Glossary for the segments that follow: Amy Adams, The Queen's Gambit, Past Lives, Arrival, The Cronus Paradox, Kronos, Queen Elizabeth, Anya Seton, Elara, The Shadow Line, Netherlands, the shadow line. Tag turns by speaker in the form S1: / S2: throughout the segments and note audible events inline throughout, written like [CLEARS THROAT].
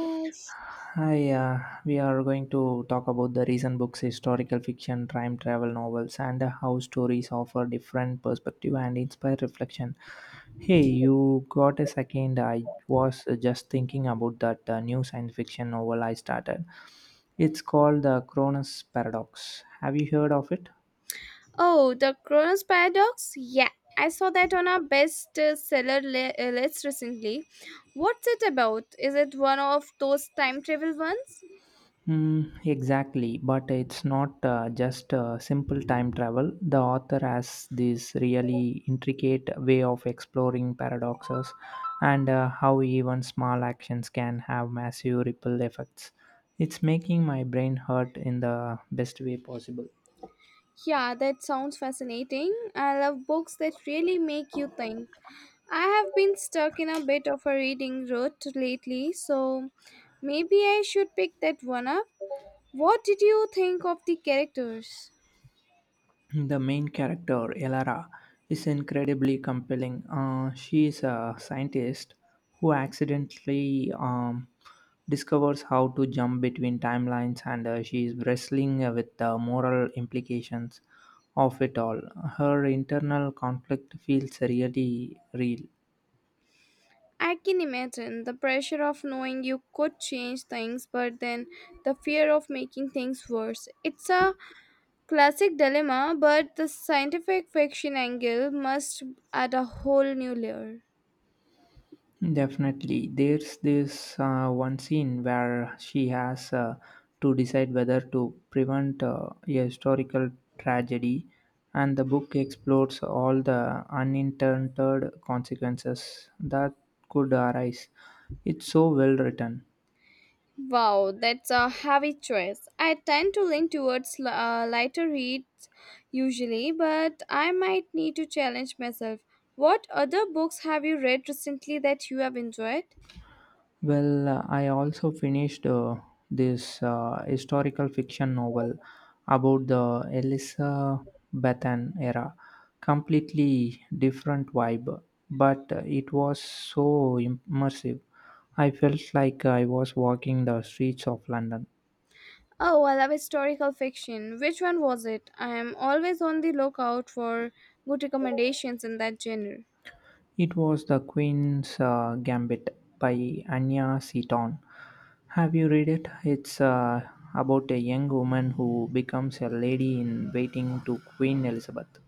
S1: Yes.
S2: Hi, we are going to talk about the recent books, historical fiction, time travel novels, and how stories offer different perspective and inspire reflection. Hey, you got a second? I was just thinking about that new science fiction novel I started. It's called The Cronus Paradox. Have you heard of it?
S1: Oh, the Kronos paradox? Yeah, I saw that on our best list recently. What's it about? Is it one of those time travel ones?
S2: Mm, exactly, but it's not just simple time travel. The author has this really intricate way of exploring paradoxes and how even small actions can have massive ripple effects. It's making my brain hurt in the best way possible.
S1: Yeah, that sounds fascinating. I love books that really make you think. I have been stuck in a bit of a reading rut lately, so maybe I should pick that one up. What did you think of the characters?
S2: The main character, Elara, is incredibly compelling. She is a scientist who accidentally discovers how to jump between timelines, and she is wrestling with the moral implications of it all. Her internal conflict feels really real.
S1: I can imagine the pressure of knowing you could change things, but then the fear of making things worse. It's a classic dilemma, but the scientific fiction angle must add a whole new layer.
S2: Definitely. There's this one scene where she has to decide whether to prevent a historical tragedy, and the book explores all the unintended consequences that could arise. It's so well written.
S1: Wow, that's a heavy choice. I tend to lean towards lighter reads usually, but I might need to challenge myself. What other books have you read recently that you have enjoyed?
S2: Well, I also finished this historical fiction novel about the Elizabethan era. Completely different vibe, but it was so immersive. I felt like I was walking the streets of London.
S1: Oh, I love historical fiction. Which one was it? I am always on the lookout for good recommendations in that genre.
S2: It was The Queen's Gambit by Anya Seton. Have you read it? It's about a young woman who becomes a lady in waiting to Queen Elizabeth.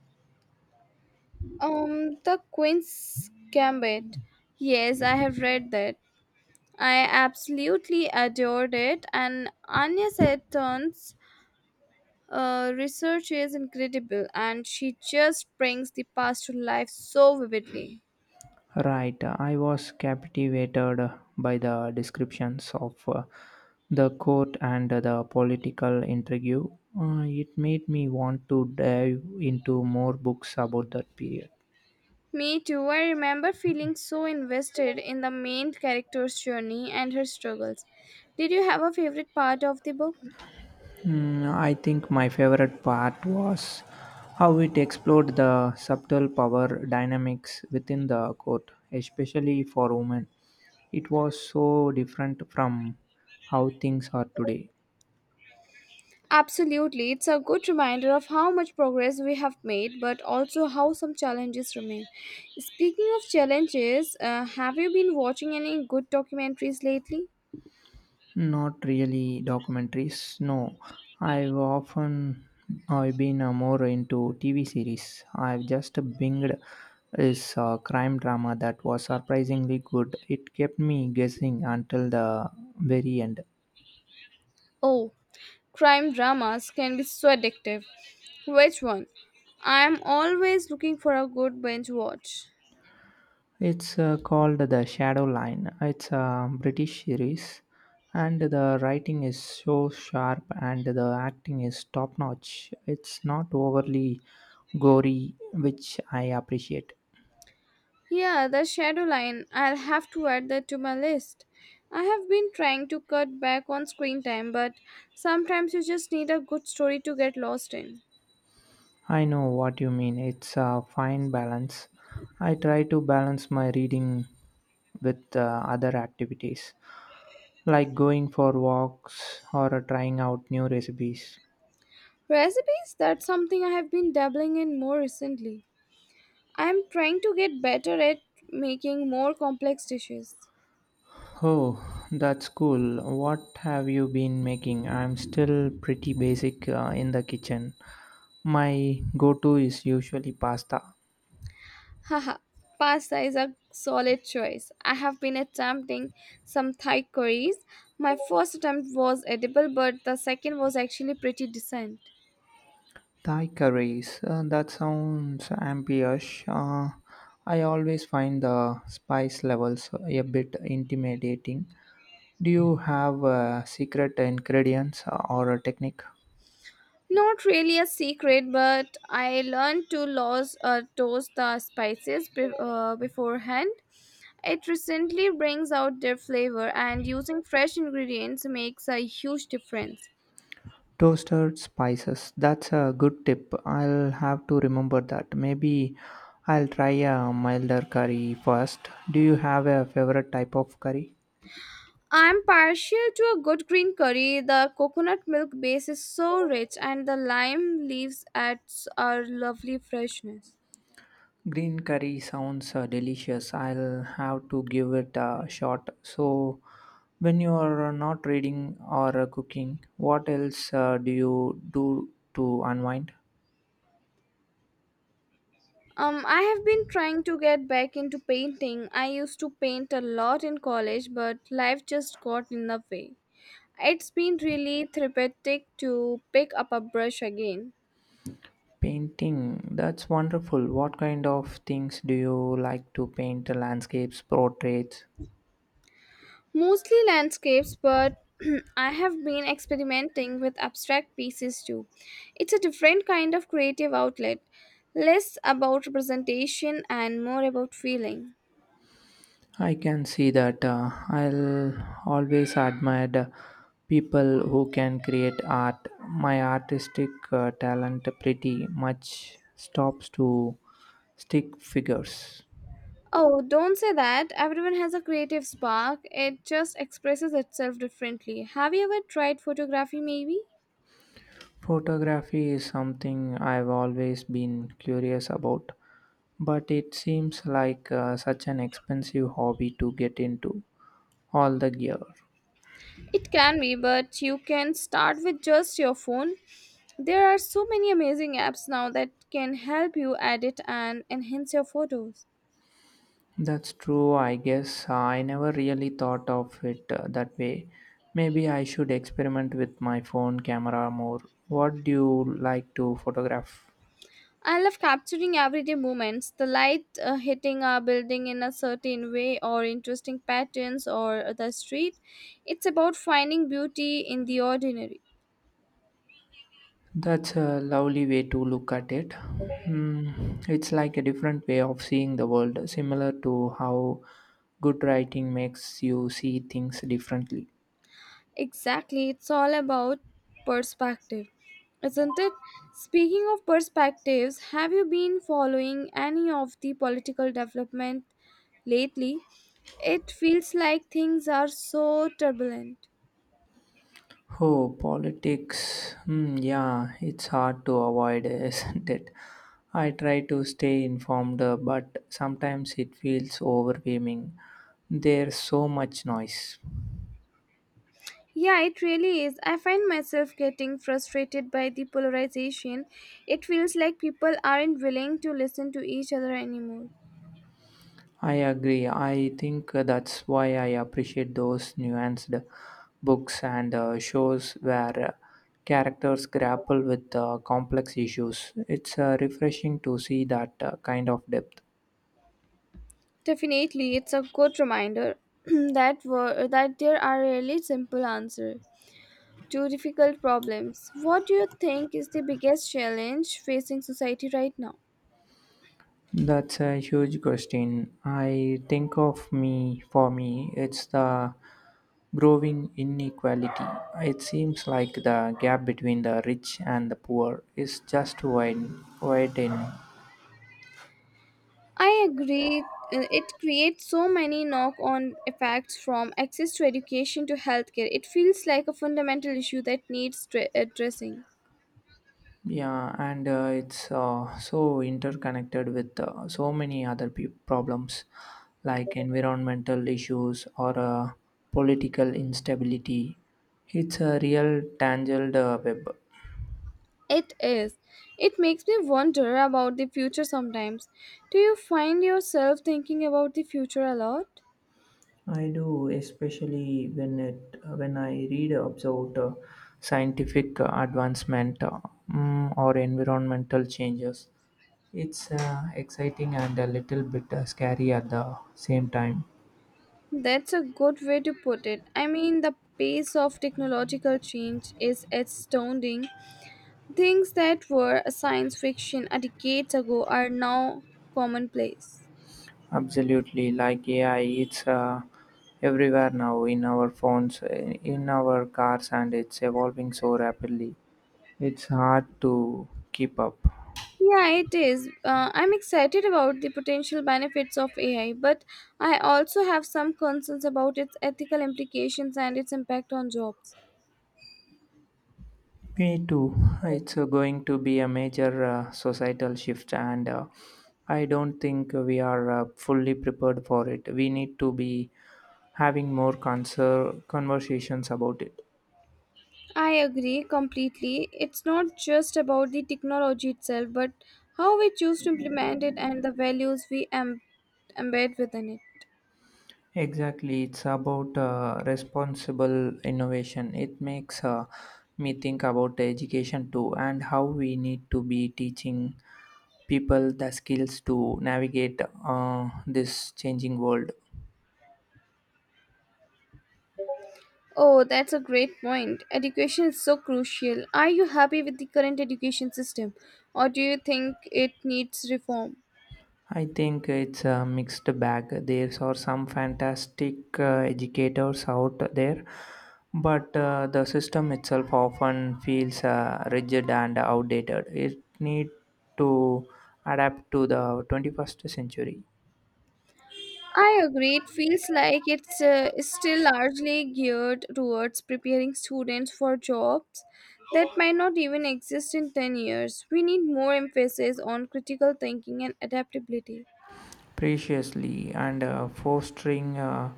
S1: The Queen's Gambit. Yes, I have read that. I absolutely adored it, and Anya Seton's research is incredible, and she just brings the past to life so vividly.
S2: Right, I was captivated by the descriptions of the court and the political intrigue. It made me want to dive into more books about that period.
S1: Me too. I remember feeling so invested in the main character's journey and her struggles. Did you have a favorite part of the book?
S2: Hmm, I think my favorite part was how it explored the subtle power dynamics within the court, especially for women. It was so different from how things are today.
S1: Absolutely. It's a good reminder of how much progress we have made, but also how some challenges remain. Speaking of challenges, have you been watching any good documentaries lately?
S2: Not really documentaries. No, I've often I've been more into TV series. I've just binged this crime drama that was surprisingly good. It kept me guessing until the very end.
S1: Oh, crime dramas can be so addictive. Which one? I am always looking for a good binge watch.
S2: It's called The Shadow Line. It's a British series, and the writing is so sharp and the acting is top notch. It's not overly gory, which I appreciate.
S1: Yeah, the shadow line. I'll have to add that to my list. I have been trying to cut back on screen time, but sometimes you just need a good story to get lost in.
S2: I know what you mean. It's a fine balance. I try to balance my reading with other activities, like going for walks or trying out new recipes.
S1: Recipes, that's something I have been dabbling in more recently. I am trying to get better at making more complex dishes.
S2: Oh, that's cool. What have you been making? I'm still pretty basic in the kitchen. My go to is usually pasta.
S1: Haha, pasta is a solid choice. I have been attempting some Thai curries. My first attempt was edible, but the second was actually pretty decent.
S2: Thai curries, that sounds ambitious. I always find the spice levels a bit intimidating. Do you have secret ingredients or a technique?
S1: Not really a secret, but I learned to lose, toast the spices beforehand. It recently brings out their flavor, and using fresh ingredients makes a huge difference.
S2: Toasted spices, that's a good tip. I'll have to remember that. Maybe I'll try a milder curry first. Do you have a favorite type of curry?
S1: I'm partial to a good green curry. The coconut milk base is so rich, and the lime leaves adds a lovely freshness.
S2: Green curry sounds delicious. I'll have to give it a shot. So, when you are not reading or cooking, what else do you do to unwind?
S1: I have been trying to get back into painting. I used to paint a lot in college, but life just got in the way. It's been really therapeutic to pick up a brush again.
S2: Painting. That's wonderful. What kind of things do you like to paint? Landscapes, portraits?
S1: Mostly landscapes, but [CLEARS THROAT] I have been experimenting with abstract pieces too. It's a different kind of creative outlet, less about representation and more about feeling.
S2: I can see that. I'll always admire the people who can create art. My artistic talent pretty much stops to Stick figures.
S1: Oh, don't say that. Everyone has a creative spark. It just expresses itself differently. Have you ever tried photography, maybe?
S2: Photography is something I've always been curious about, but it seems like such an expensive hobby to get into. All the gear.
S1: It can be, but you can start with just your phone. There are so many amazing apps now that can help you edit and enhance your photos.
S2: That's true, I guess. I never really thought of it that way. Maybe I should experiment with my phone camera more. What do you like to photograph?
S1: I love capturing everyday moments, the light hitting a building in a certain way, or interesting patterns, or the street. It's about finding beauty in the ordinary.
S2: That's a lovely way to look at it. Hmm, it's like a different way of seeing the world, similar to how good writing makes you see things differently.
S1: Exactly, it's all about perspective, isn't it? Speaking of perspectives, have you been following any of the political development lately? It feels like things are so turbulent.
S2: Oh, politics. Hmm, yeah, it's hard to avoid, [LAUGHS] isn't it? I try to stay informed, but sometimes it feels overwhelming. There's so much noise.
S1: Yeah, it really is. I find myself getting frustrated by the polarization. It feels like people aren't willing to listen to each other anymore.
S2: I agree. I think that's why I appreciate those nuanced books and shows where characters grapple with complex issues. It's refreshing to see that kind of depth.
S1: Definitely, it's a good reminder [CLEARS THROAT] that that there are really simple answers. Two difficult problems. What do you think is the biggest challenge facing society right now?
S2: That's a huge question. I think of me, For me, it's the growing inequality. It seems like the gap between the rich and the poor is just widening.
S1: I agree. It creates so many knock on effects from access to education to healthcare. It feels like a fundamental issue that needs addressing.
S2: Yeah, and it's so interconnected with so many other problems like environmental issues or political instability. It's a real tangled web.
S1: It is. It makes me wonder about the future sometimes. Do you find yourself thinking about the future a lot?
S2: I do, especially when I read about scientific advancement or environmental changes. It's exciting and a little bit scary at the same time.
S1: That's a good way to put it. I mean, the pace of technological change is astounding. Things that were a science fiction a decade ago are now commonplace.
S2: Absolutely, like AI, it's everywhere now in our phones, in our cars, and it's evolving so rapidly. It's hard to keep up.
S1: Yeah, it is. I'm excited about the potential benefits of AI, but I also have some concerns about its ethical implications and its impact on jobs.
S2: Me too. It's going to be a major societal shift, and I don't think we are fully prepared for it. We need to be having more conversations about it.
S1: I agree completely. It's not just about the technology itself, but how we choose to implement it and the values we embed within it.
S2: Exactly, it's about responsible innovation. It makes me think about education too, and how we need to be teaching people the skills to navigate this changing world.
S1: Oh, that's a great point. Education is so crucial. Are you happy with the current education system or do you think it needs reform?
S2: I think it's a mixed bag. There are some fantastic educators out there, but the system itself often feels rigid and outdated. It need to adapt to the 21st century.
S1: I agree. It feels like it's is still largely geared towards preparing students for jobs that might not even exist in 10 years. We need more emphasis on critical thinking and adaptability.
S2: Preciously and fostering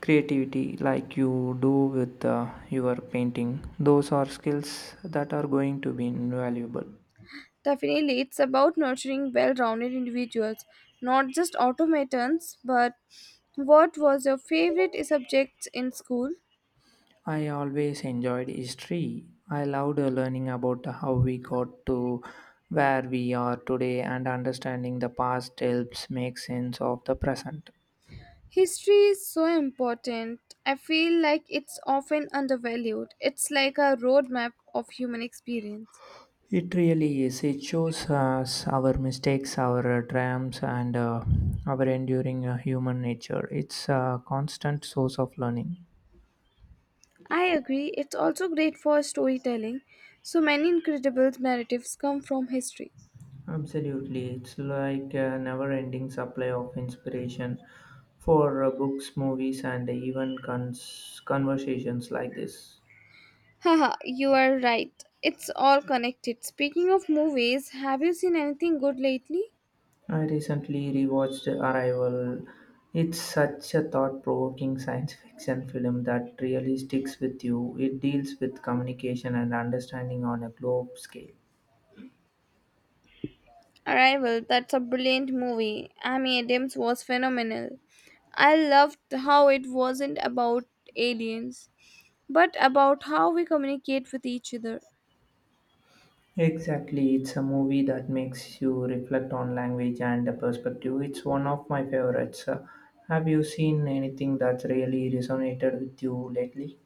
S2: creativity like you do with your painting, those are skills that are going to be invaluable.
S1: Definitely, it's about nurturing well rounded individuals, not just automatons. But what was your favorite subject in school?
S2: I always enjoyed history. I loved learning about how we got to where we are today, and understanding the past helps make sense of the present.
S1: History is so important. I feel like it's often undervalued. It's like a roadmap of human experience.
S2: It really is. It shows us our mistakes, our triumphs, and our enduring human nature. It's a constant source of learning.
S1: I agree, it's also great for storytelling. So many incredible narratives come from history.
S2: Absolutely. It's like a never ending supply of inspiration for books, movies, and even conversations like this.
S1: Haha, you are right. It's all connected. Speaking of movies, have you seen anything good lately?
S2: I recently rewatched Arrival. It's such a thought provoking science fiction film that really sticks with you. It deals with communication and understanding on a globe scale.
S1: Arrival, that's a brilliant movie. Amy Adams was phenomenal. I loved how it wasn't about aliens, but about how we communicate with each other.
S2: Exactly, it's a movie that makes you reflect on language and the perspective. It's one of my favorites. Have you seen anything that's really resonated with you lately?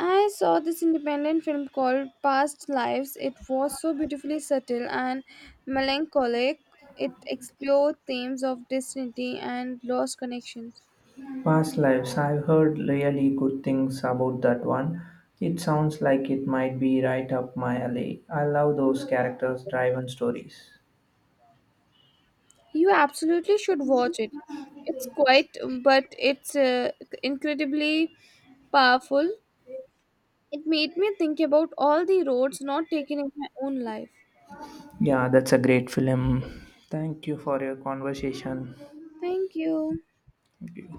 S1: I saw this independent film called Past Lives. It was so beautifully subtle and melancholic. It explored themes of destiny and lost connections.
S2: Past Lives, I've heard really good things about that one. It sounds like it might be right up my alley. I love those characters driven stories.
S1: You absolutely should watch it. It's quite, but it's incredibly powerful. It made me think about all the roads not taken in my own life.
S2: Yeah, that's a great film. Thank you for your conversation.
S1: Thank you.
S2: Thank you.